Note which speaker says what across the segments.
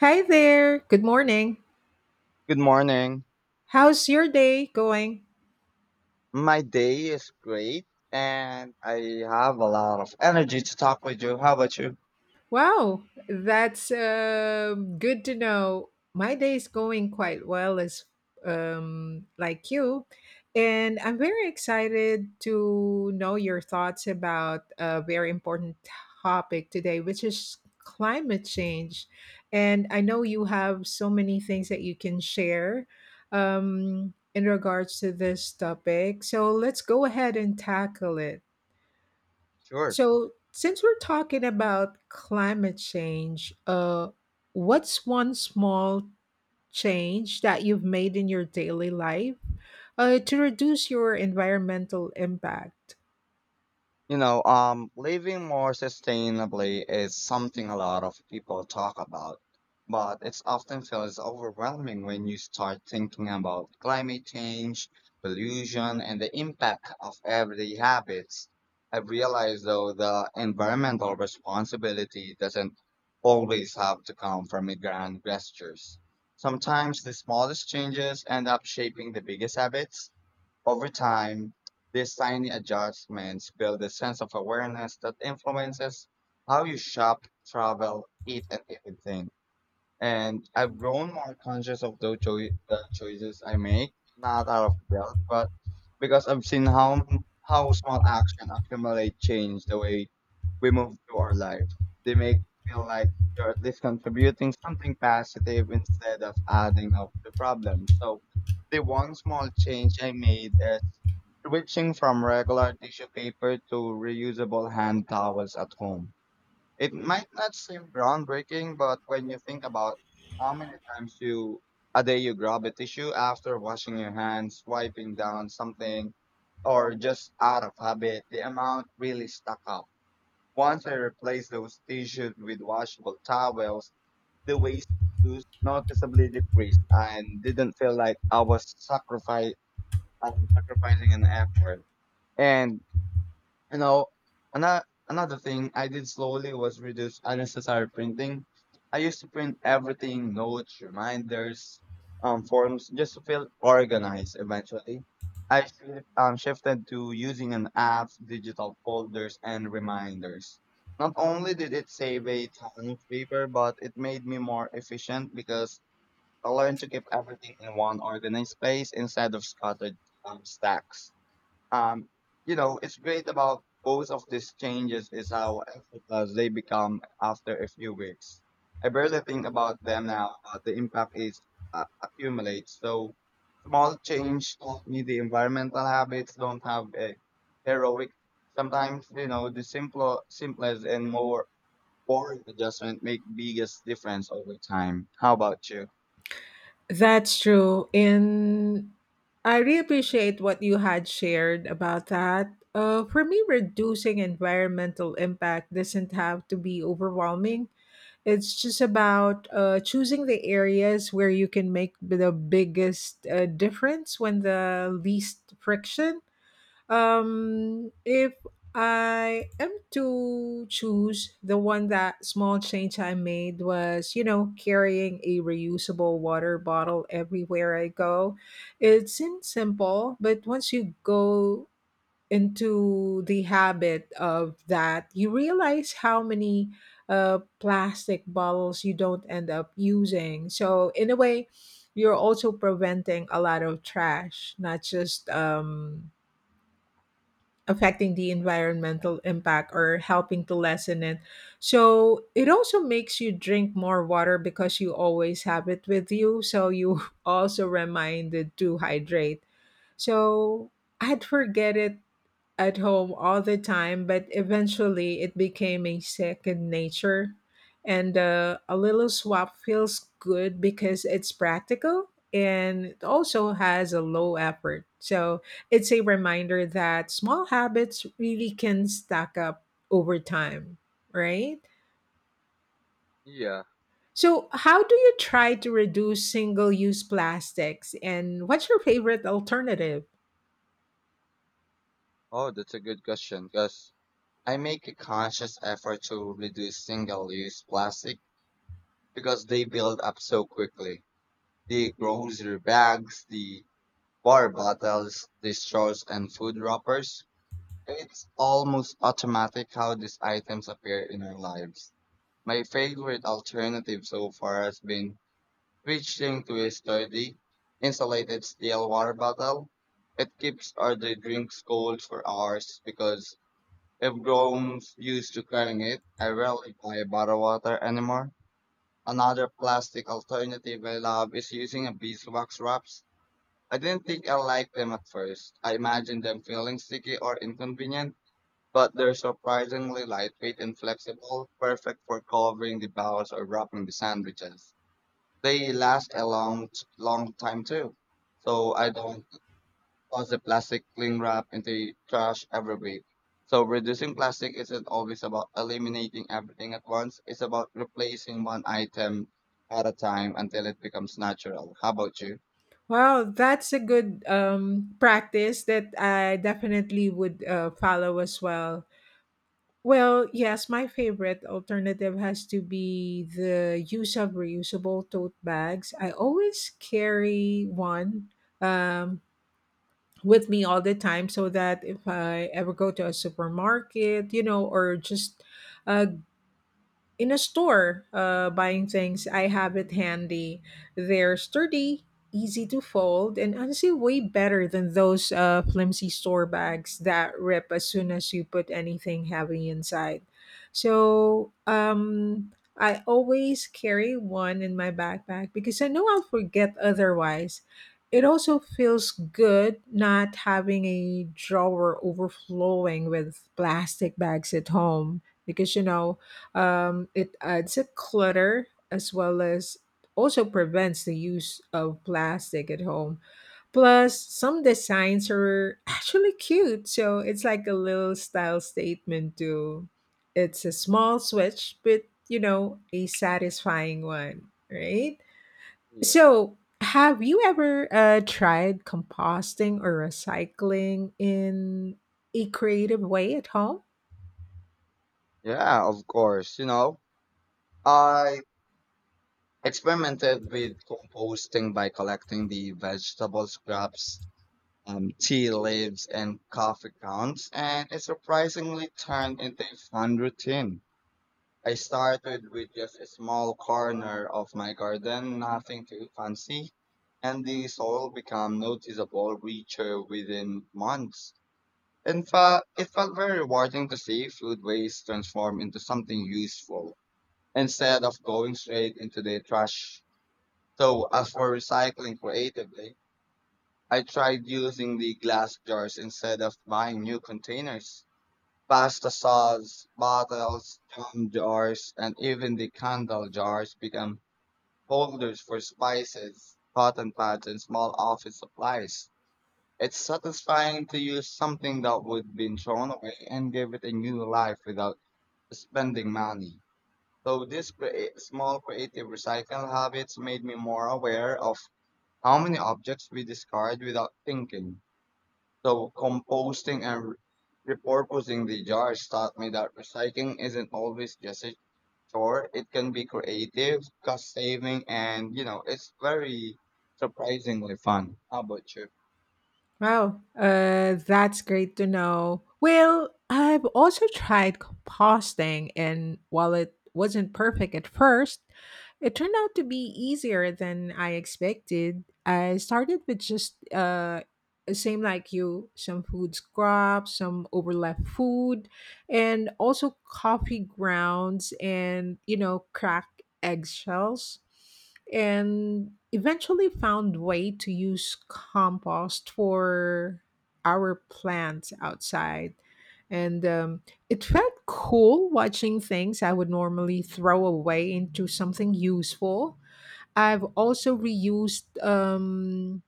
Speaker 1: Hi there. Good morning.
Speaker 2: Good morning.
Speaker 1: How's your day going?
Speaker 2: My day is great and I have a lot of energy to talk with you. How about you?
Speaker 1: Wow, that's good to know. My day is going quite well, as like you, and I'm very excited to know your thoughts about a very important topic today, which is climate change. And I know you have so many things that you can share in regards to this topic. So let's go ahead and tackle it.
Speaker 2: Sure.
Speaker 1: So, since we're talking about climate change, what's one small change that you've made in your daily life to reduce your environmental impact?
Speaker 2: Living more sustainably is something a lot of people talk about, but it's often feels overwhelming when you start thinking about climate change, pollution, and the impact of everyday habits. I realize though the environmental responsibility doesn't always have to come from grand gestures. Sometimes the smallest changes end up shaping the biggest habits. Over time, these tiny adjustments build a sense of awareness that influences how you shop, travel, eat, and even think. And I've grown more conscious of the choices I make, not out of guilt, but because I've seen how small action accumulate change the way we move through our life. They make you feel like you're at least contributing something positive instead of adding up the problem. So the one small change I made is switching from regular tissue paper to reusable hand towels at home. It might not seem groundbreaking, but when you think about how many times you a day you grab a tissue after washing your hands, wiping down something, or just out of habit, the amount really stuck up. Once I replaced those tissues with washable towels, the waste was noticeably decreased and didn't feel like I was sacrificing an effort. And you know, another thing I did slowly was reduce unnecessary printing. I used to print everything, notes, reminders, forms, just to feel organized. Eventually, I shifted to using an app, digital folders, and reminders. Not only did it save a ton of paper, but it made me more efficient because I learned to keep everything in one organized place instead of scattered stacks. Um, it's great about both of these changes is how effortless they become after a few weeks. I barely think about them now, but the impact is accumulates. So small change taught me the environmental habits don't have a heroic. Sometimes you know simplest and more boring adjustment make biggest difference over time. How about you?
Speaker 1: That's true. And I really appreciate what you had shared about that. For me, reducing environmental impact doesn't have to be overwhelming. It's just about choosing the areas where you can make the biggest difference when the least friction. If I am to choose the one that small change I made was, you know, carrying a reusable water bottle everywhere I go. It seems simple, but once you go into the habit of that, you realize how many plastic bottles you don't end up using. So, in a way, you're also preventing a lot of trash, not just affecting the environmental impact or helping to lessen it. So, it also makes you drink more water because you always have it with you. So, you also reminded to hydrate. So, I'd forget it at home all the time, but eventually it became a second nature. And a little swap feels good because it's practical and it also has a low effort. So it's a reminder that small habits really can stack up over time, right?
Speaker 2: Yeah.
Speaker 1: So, how do you try to reduce single use plastics and what's your favorite alternative?
Speaker 2: Oh, that's a good question. 'Cause I make a conscious effort to reduce single use plastic because they build up so quickly. The grocery bags, the water bottles, the straws, and food wrappers. It's almost automatic how these items appear in our lives. My favorite alternative so far has been switching to a sturdy, insulated steel water bottle. It keeps our the drinks cold for hours because if Grown's used to carrying it, I rarely buy bottled water anymore. Another plastic alternative I love is using a beeswax wraps. I didn't think I liked them at first. I imagined them feeling sticky or inconvenient, but they're surprisingly lightweight and flexible, perfect for covering the bowls or wrapping the sandwiches. They last a long, long time too, so I don't toss the plastic cling wrap into the trash every week. So reducing plastic isn't always about eliminating everything at once. It's about replacing one item at a time until it becomes natural. How about you?
Speaker 1: Wow, that's a good practice that I definitely would follow as well. Well, yes, my favorite alternative has to be the use of reusable tote bags. I always carry one um, with me all the time so that if I ever go to a supermarket, you know, or just uh, in a store buying things, I have it handy. They're sturdy, easy to fold, and honestly way better than those flimsy store bags that rip as soon as you put anything heavy inside. So I always carry one in my backpack because I know I'll forget otherwise. It also feels good not having a drawer overflowing with plastic bags at home because it adds a clutter as well as also prevents the use of plastic at home. Plus, some designs are actually cute, so it's like a little style statement too. It's a small switch, but you know, a satisfying one, right?
Speaker 2: Yeah.
Speaker 1: So, have you ever tried composting or recycling in a creative way at home?
Speaker 2: Yeah, of course. You know, I experimented with composting by collecting the vegetable scraps, tea leaves, and coffee grounds, and it surprisingly turned into a fun routine. I started with just a small corner of my garden, nothing too fancy, and the soil became noticeable richer within months. In fact, it felt very rewarding to see food waste transform into something useful instead of going straight into the trash. So, as for recycling creatively, I tried using the glass jars instead of buying new containers. Pasta sauce, bottles, jam jars, and even the candle jars become holders for spices, cotton pads, and small office supplies. It's satisfying to use something that would be thrown away and give it a new life without spending money. So this small creative recycle habits made me more aware of how many objects we discard without thinking. So composting and repurposing the jars taught me that recycling isn't always just a chore. It can be creative, cost saving, and it's very surprisingly fun. How about you?
Speaker 1: Wow, that's great to know. Well, I've also tried composting, and while it wasn't perfect at first, it turned out to be easier than I expected. I started with just same like you, some food scraps, some overlap food, and also coffee grounds, and you know, cracked eggshells, and eventually found way to use compost for our plants outside. And it felt cool watching things I would normally throw away into something useful. I've also reused,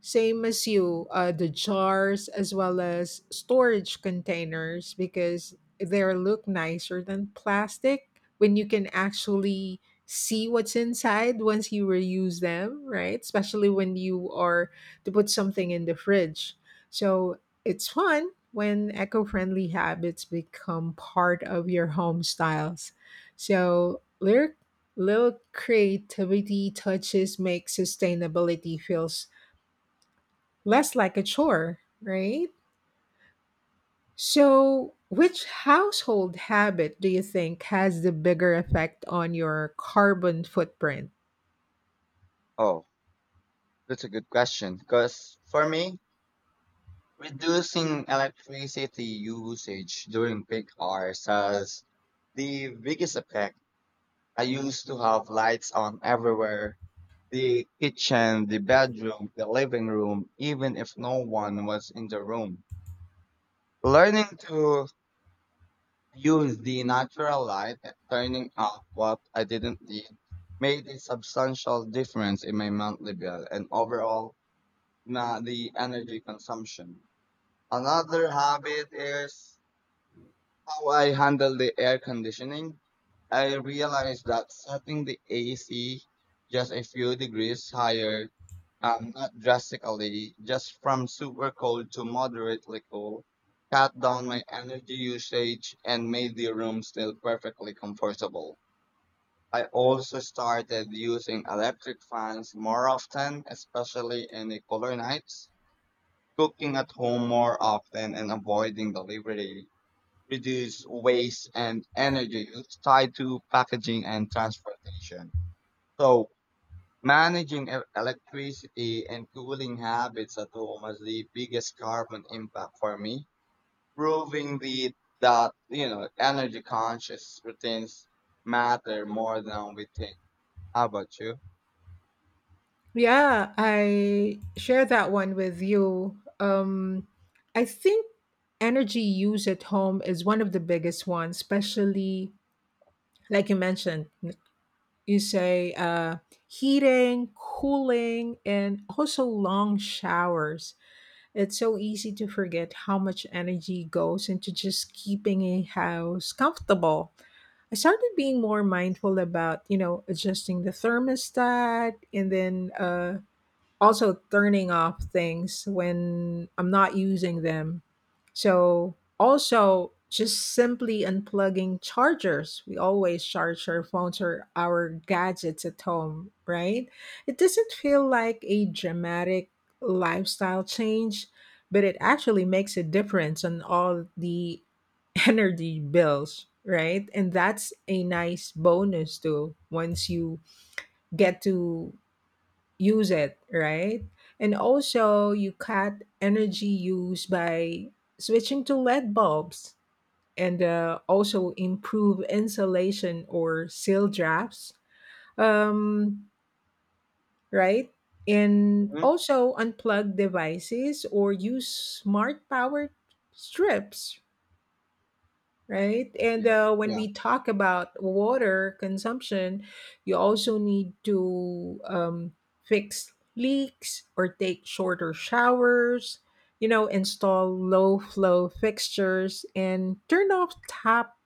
Speaker 1: same as you, the jars as well as storage containers because they look nicer than plastic when you can actually see what's inside once you reuse them, right? Especially when you are to put something in the fridge. So it's fun when eco friendly habits become part of your home styles. So, lyric little creativity touches make sustainability feel less like a chore, right? So, which household habit do you think has the bigger effect on your carbon footprint?
Speaker 2: Oh, that's a good question. Because for me, reducing electricity usage during peak hours has the biggest effect. I used to have lights on everywhere. The kitchen, the bedroom, the living room, even if no one was in the room. Learning to use the natural light and turning off what I didn't need made a substantial difference in my monthly bill and overall na the energy consumption. Another habit is how I handle the air conditioning. I realized that setting the AC just a few degrees higher. Not drastically, just from super cold to moderately cool. Cut down my energy usage and made the room still perfectly comfortable. I also started using electric fans more often, especially in the cooler nights, cooking at home more often and avoiding delivery, reduce waste and energy use tied to packaging and transportation. So managing electricity and cooling habits at home has the biggest carbon impact for me, proving the that you know energy conscious routines matter more than we think. How about you?
Speaker 1: Yeah, I share that one with you. I think energy use at home is one of the biggest ones, especially like you mentioned. You say heating, cooling, and also long showers. It's so easy to forget how much energy goes into just keeping a house comfortable. I started being more mindful about, you know, adjusting the thermostat, and then also turning off things when I'm not using them. So also just simply unplugging chargers. We always charge our phones or our gadgets at home, right? It doesn't feel like a dramatic lifestyle change, but it actually makes a difference on all the energy bills, right? And that's a nice bonus too once you get to use it, right? And also, you cut energy use by switching to LED bulbs and also improve insulation or seal drafts, um, right? And
Speaker 2: Mhm.
Speaker 1: also unplug devices or use smart power strips, right? And
Speaker 2: Yeah.
Speaker 1: when
Speaker 2: Yeah.
Speaker 1: we talk about water consumption, you also need to fix leaks or take shorter showers, you know, install low flow fixtures and turn off tap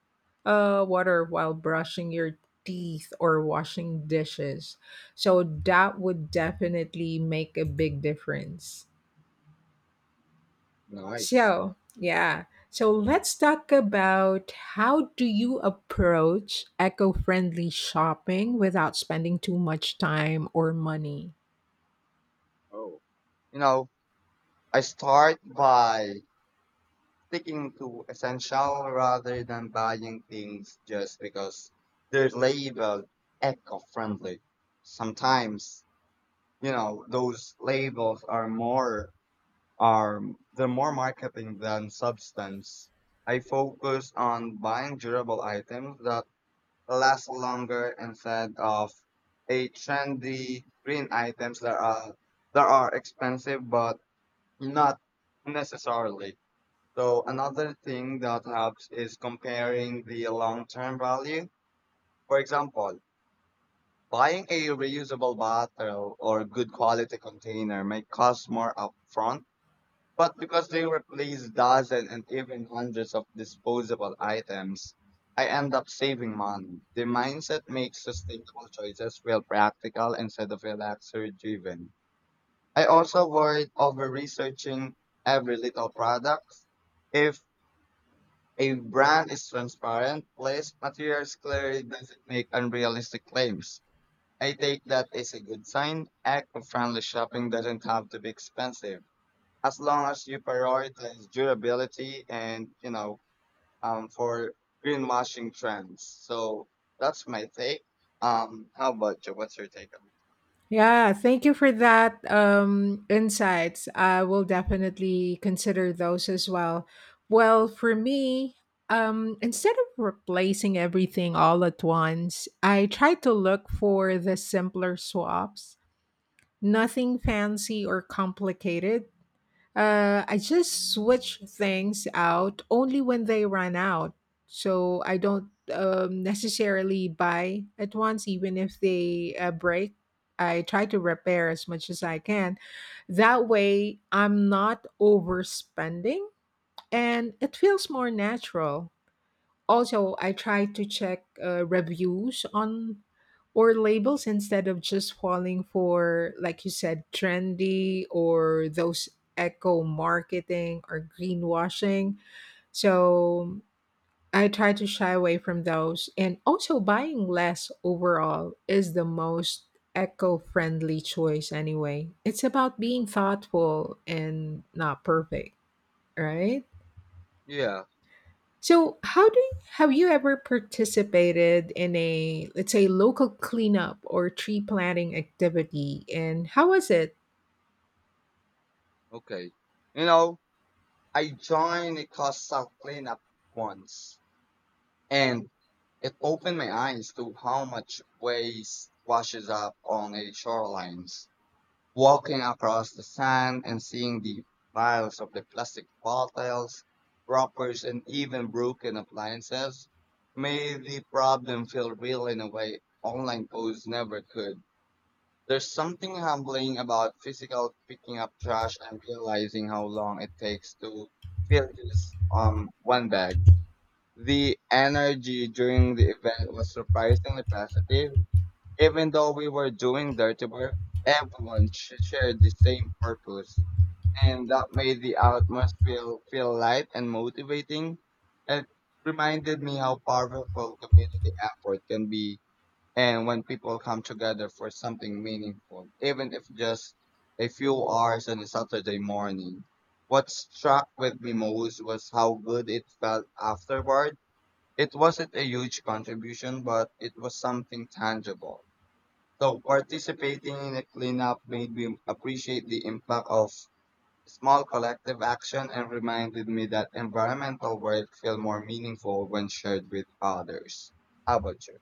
Speaker 1: water while brushing your teeth or washing dishes. So that would definitely make a big difference.
Speaker 2: Nice.
Speaker 1: So, yeah. So let's talk about how do you approach eco-friendly shopping without spending too much time or money.
Speaker 2: Oh. You know, I start by sticking to essential rather than buying things just because they're labeled eco-friendly. Sometimes you know those labels are they're more marketing than substance. I focus on buying durable items that last longer instead of a trendy green items that are expensive but not necessarily. So another thing that helps is comparing the long-term value. For example, buying a reusable bottle or good quality container may cost more upfront, but because they replace dozens and even hundreds of disposable items, I end up saving money. The mindset makes sustainable choices feel practical instead of feel luxury driven. I also worried over researching every little product. If a brand is transparent, place materials clearly doesn't make unrealistic claims. I take that as a good sign. Eco friendly shopping doesn't have to be expensive, as long as you prioritize durability and for greenwashing trends. So that's my take. How about you? What's your take on?
Speaker 1: Yeah, thank you for that insights. I will definitely consider those as well. Well, for me, instead of replacing everything all at once, I try to look for the simpler swaps. Nothing fancy or complicated. I just switch things out only when they run out. So I don't necessarily buy at once, even if they break. I try to repair as much as I can. That way, I'm not overspending and it feels more natural. Also, I try to check reviews on or labels instead of just falling for, like you said, trendy or those eco marketing or greenwashing. So I try to shy away from those. And also, buying less overall is the most eco friendly choice, anyway. It's about being thoughtful and not perfect, right?
Speaker 2: Yeah,
Speaker 1: So, how do have you ever participated in a, let's say, local cleanup or tree planting activity, and how was it?
Speaker 2: okay. You know, I joined a coastal cleanup once, and it opened my eyes to how much waste washes up on a shoreline. Walking across the sand and seeing the piles of the plastic bottles, wrappers, and even broken appliances made the problem feel real in a way online posts never could. There's something humbling about physical picking up trash and realizing how long it takes to fill just one bag. The energy during the event was surprisingly positive. Even though we were doing dirty work, everyone shared the same purpose, and that made the atmosphere feel light and motivating. It reminded me how powerful community effort can be, and when people come together for something meaningful, even if just a few hours on a Saturday morning. What struck with me most was how good it felt afterward. It wasn't a huge contribution, but it was something tangible. So participating in a cleanup made me appreciate the impact of small collective action and reminded me that environmental work feel more meaningful when shared with others. How about you?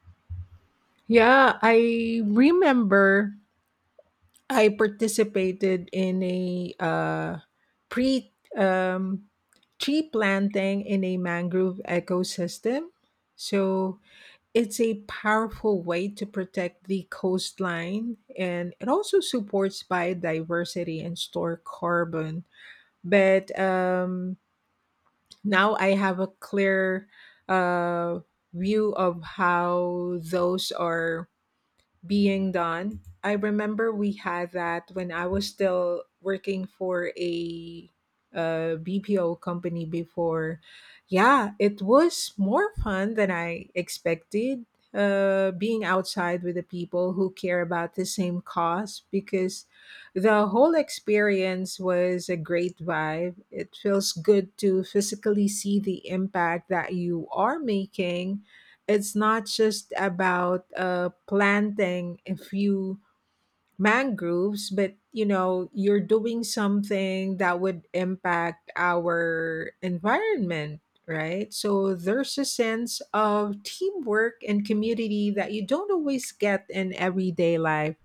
Speaker 1: Yeah, I remember I participated in a pre um tree planting in a mangrove ecosystem. So, it's a powerful way to protect the coastline and it also supports biodiversity and store carbon, but now I have a clear uh, view of how those are being done. I remember we had that when I was still working for a, uh, BPO company before. Yeah, it was more fun than I expected. Being outside with the people who care about the same cause, because the whole experience was a great vibe. It feels good to physically see the impact that you are making. It's not just about planting a few mangroves, but you know, you're doing something that would impact our environment, right? So there's a sense of teamwork and community that you don't always get in everyday life.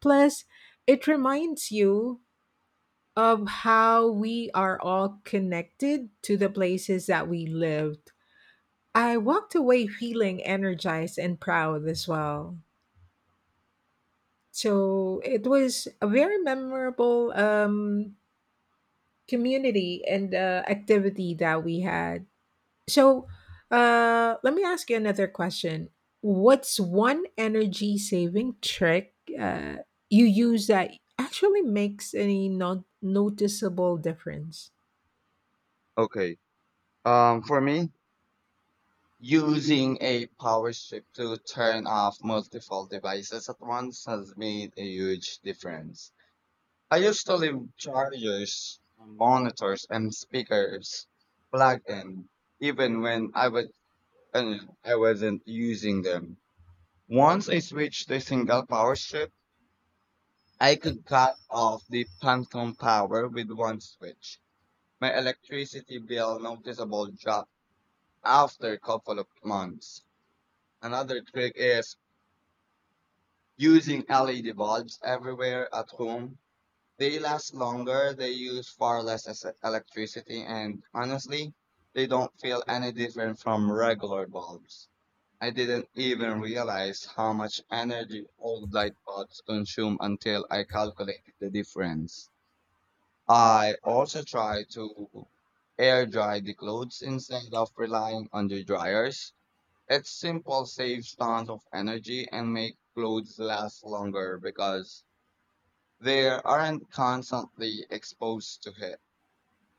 Speaker 1: Plus, it reminds you of how we are all connected to the places that we lived. I walked away feeling energized and proud as well. So it was a very memorable community and activity that we had. So, let me ask you another question. What's one energy saving trick uh, you use that actually makes any not noticeable difference?
Speaker 2: Okay. For me, using a power strip to turn off multiple devices at once has made a huge difference. I used to leave chargers, monitors, and speakers plugged in, even when I wasn't using them. Once I switched to single power strip, I could cut off the phantom power with one switch. My electricity bill noticeable dropped after a couple of months. Another trick is using LED bulbs everywhere at home. They last longer, they use far less electricity, and honestly, they don't feel any different from regular bulbs. I didn't even realize how much energy old light bulbs consume until I calculated the difference. I also try to air dry the clothes instead of relying on the dryers. It's simple, saves tons of energy, and make clothes last longer because they aren't constantly exposed to it.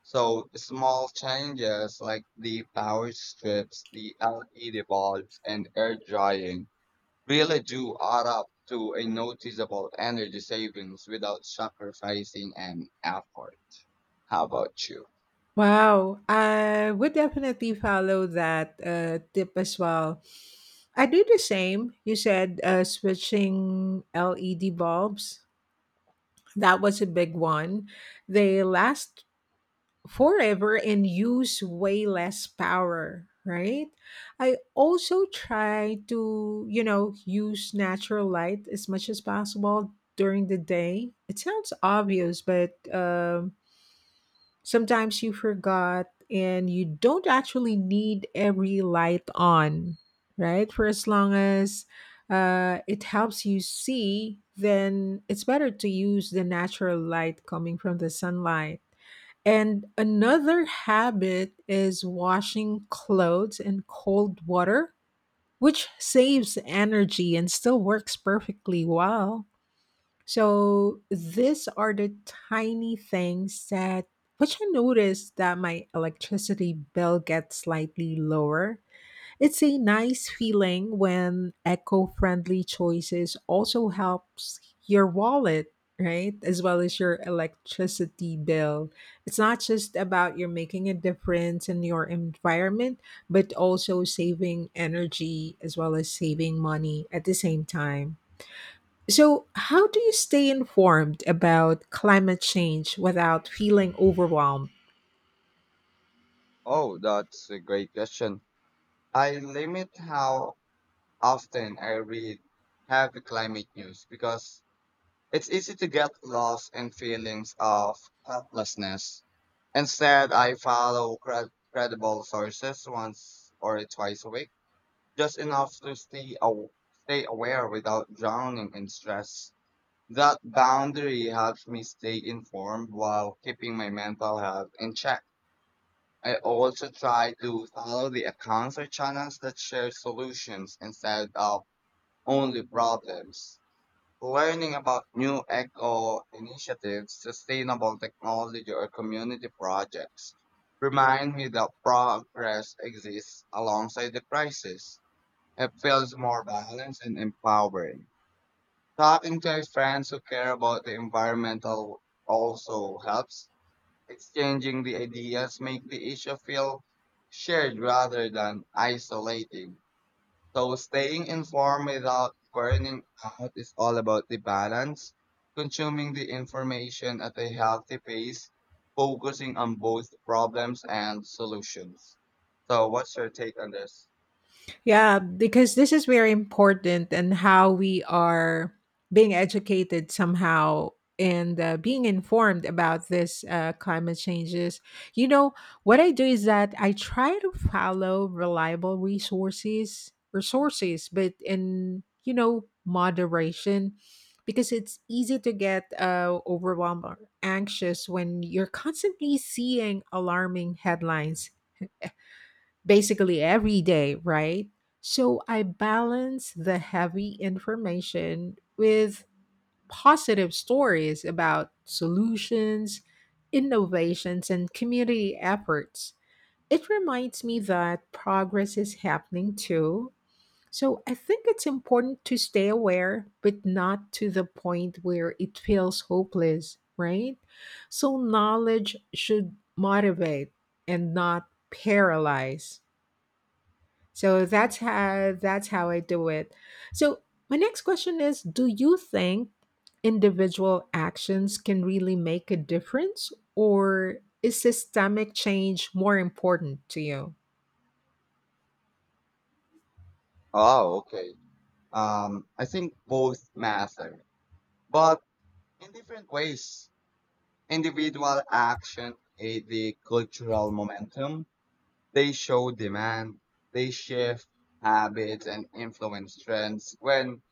Speaker 2: So small changes like the power strips, the LED bulbs, and air drying really do add up to a noticeable energy savings without sacrificing an effort. How about you?
Speaker 1: Wow, I would definitely follow that tip as well. I do the same. You said switching LED bulbs. That was a big one. They last forever and use way less power, right? I also try to, you know, use natural light as much as possible during the day. It sounds obvious, but sometimes you forgot and you don't actually need every light on, right? For as long as it helps you see, then it's better to use the natural light coming from the sunlight. And another habit is washing clothes in cold water, which saves energy and still works perfectly well. So these are the tiny things that which I noticed that my electricity bill gets slightly lower. It's a nice feeling when eco-friendly choices also helps your wallet, right? As well as your electricity bill. It's not just about you're making a difference in your environment, but also saving energy as well as saving money at the same time. So, how do you stay informed about climate change without feeling overwhelmed?
Speaker 2: Oh, that's a great question. I limit how often I read heavy climate news because it's easy to get lost in feelings of helplessness. Instead, I follow credible sources once or twice a week, just enough to stay aware without drowning in stress. That boundary helps me stay informed while keeping my mental health in check. I also try to follow the accounts or channels that share solutions instead of only problems. Learning about new eco initiatives, sustainable technology, or community projects remind me that progress exists alongside the crisis. It feels more balanced and empowering. Talking to friends who care about the environmental also helps. Exchanging the ideas make the issue feel shared rather than isolating. So staying informed without burning out is all about the balance, consuming the information at a healthy pace, focusing on both problems and solutions. So what's your take on this?
Speaker 1: Yeah, because this is very important and how we are being educated somehow and being informed about this climate changes. You know, what I do is that I try to follow reliable resources, but in, you know, moderation, because it's easy to get overwhelmed or anxious when you're constantly seeing alarming headlines basically every day, right? So I balance the heavy information with positive stories about solutions, innovations, and community efforts. It reminds me that progress is happening too. So I think it's important to stay aware, but not to the point where it feels hopeless, right? So knowledge should motivate and not paralyze. So that's how I do it. So my next question is, do you think individual actions can really make a difference, or is systemic change more important to you?
Speaker 2: Oh, okay. I think both matter, but in different ways. Individual action aid the cultural momentum. They show demand. They shift habits and influence trends when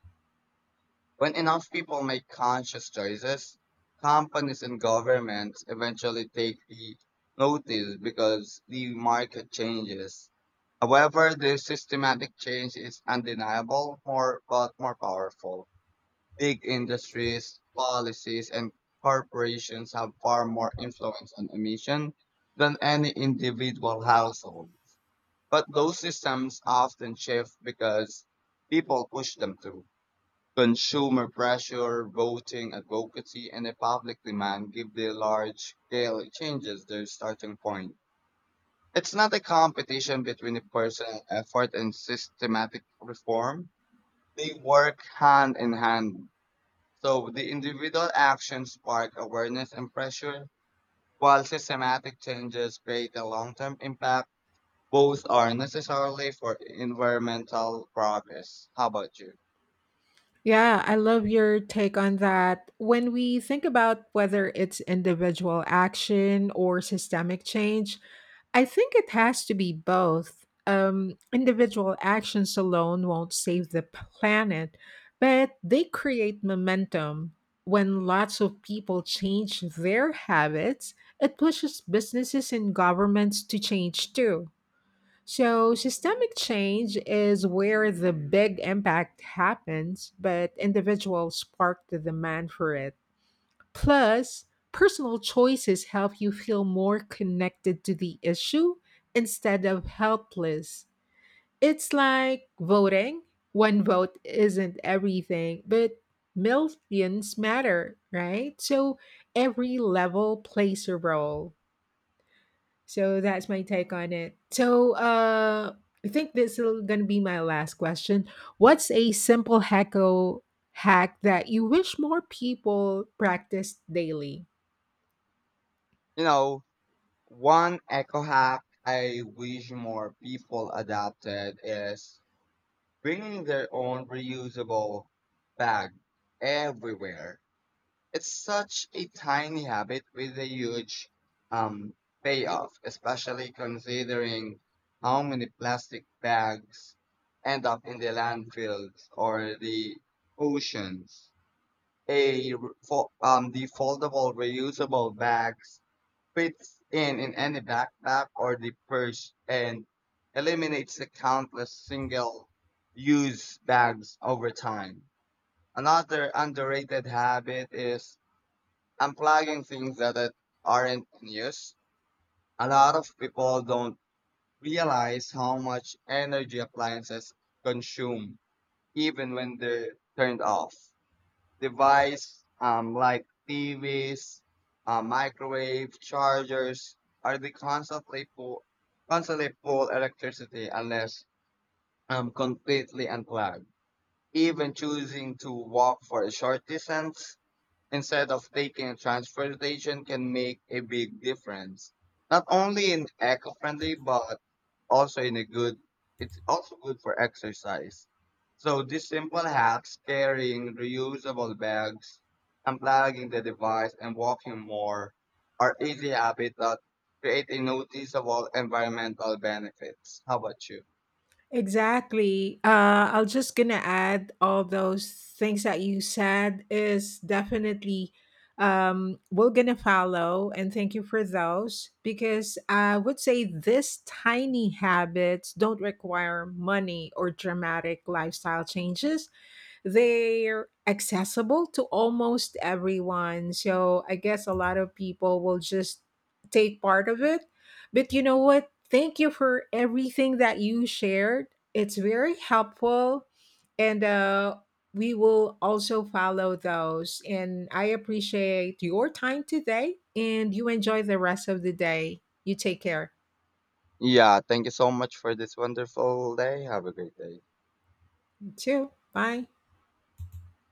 Speaker 2: When enough people make conscious choices, companies and governments eventually take the notice because the market changes. However, this systematic change is undeniable, more powerful. Big industries, policies, and corporations have far more influence on emission than any individual household. But those systems often shift because people push them to. Consumer pressure, voting advocacy, and a public demand give the large scale changes their starting point. It's not a competition between the personal effort and systematic reform. They work hand in hand. So the individual actions spark awareness and pressure, while systematic changes create a long term impact. Both are necessarily for environmental progress. How about you?
Speaker 1: Yeah, I love your take on that. When we think about whether it's individual action or systemic change, I think it has to be both. Individual actions alone won't save the planet, but they create momentum. When lots of people change their habits, it pushes businesses and governments to change too. So, systemic change is where the big impact happens, but individuals spark the demand for it. Plus, personal choices help you feel more connected to the issue instead of helpless. It's like voting. One vote isn't everything, but millions matter, right? So every level plays a role. So that's my take on it. So I think this is going to be my last question. What's a simple hack that you wish more people practice daily?
Speaker 2: You know, one eco hack I wish more people adopted is bringing their own reusable bag everywhere. It's such a tiny habit with a huge um, payoff, especially considering how many plastic bags end up in the landfills or the oceans. A the foldable reusable bags fits in any backpack or the purse and eliminates the countless single use bags over time. Another underrated habit is unplugging things that that aren't in use. A lot of people don't realize how much energy appliances consume even when they're turned off. Device like TVs, microwave chargers are constantly pull electricity unless completely unplugged. Even choosing to walk for a short distance instead of taking transportation can make a big difference, not only in eco-friendly but also in a good. It's also good for exercise. So these simple hacks carrying reusable bags, unplugging the device and walking more are easy habits that create a noticeable environmental benefits. How about you?
Speaker 1: Exactly. I was just gonna add all those things that you said is definitely we're gonna follow, and thank you for those, because I would say these tiny habits don't require money or dramatic lifestyle changes. They're accessible to almost everyone. So I guess a lot of people will just take part of it. But you know what? Thank you for everything that you shared. It's very helpful. And we will also follow those. And I appreciate your time today. And you enjoy the rest of the day. You take care
Speaker 2: Yeah, thank you so much for this wonderful day. Have a great day.
Speaker 1: too. Bye.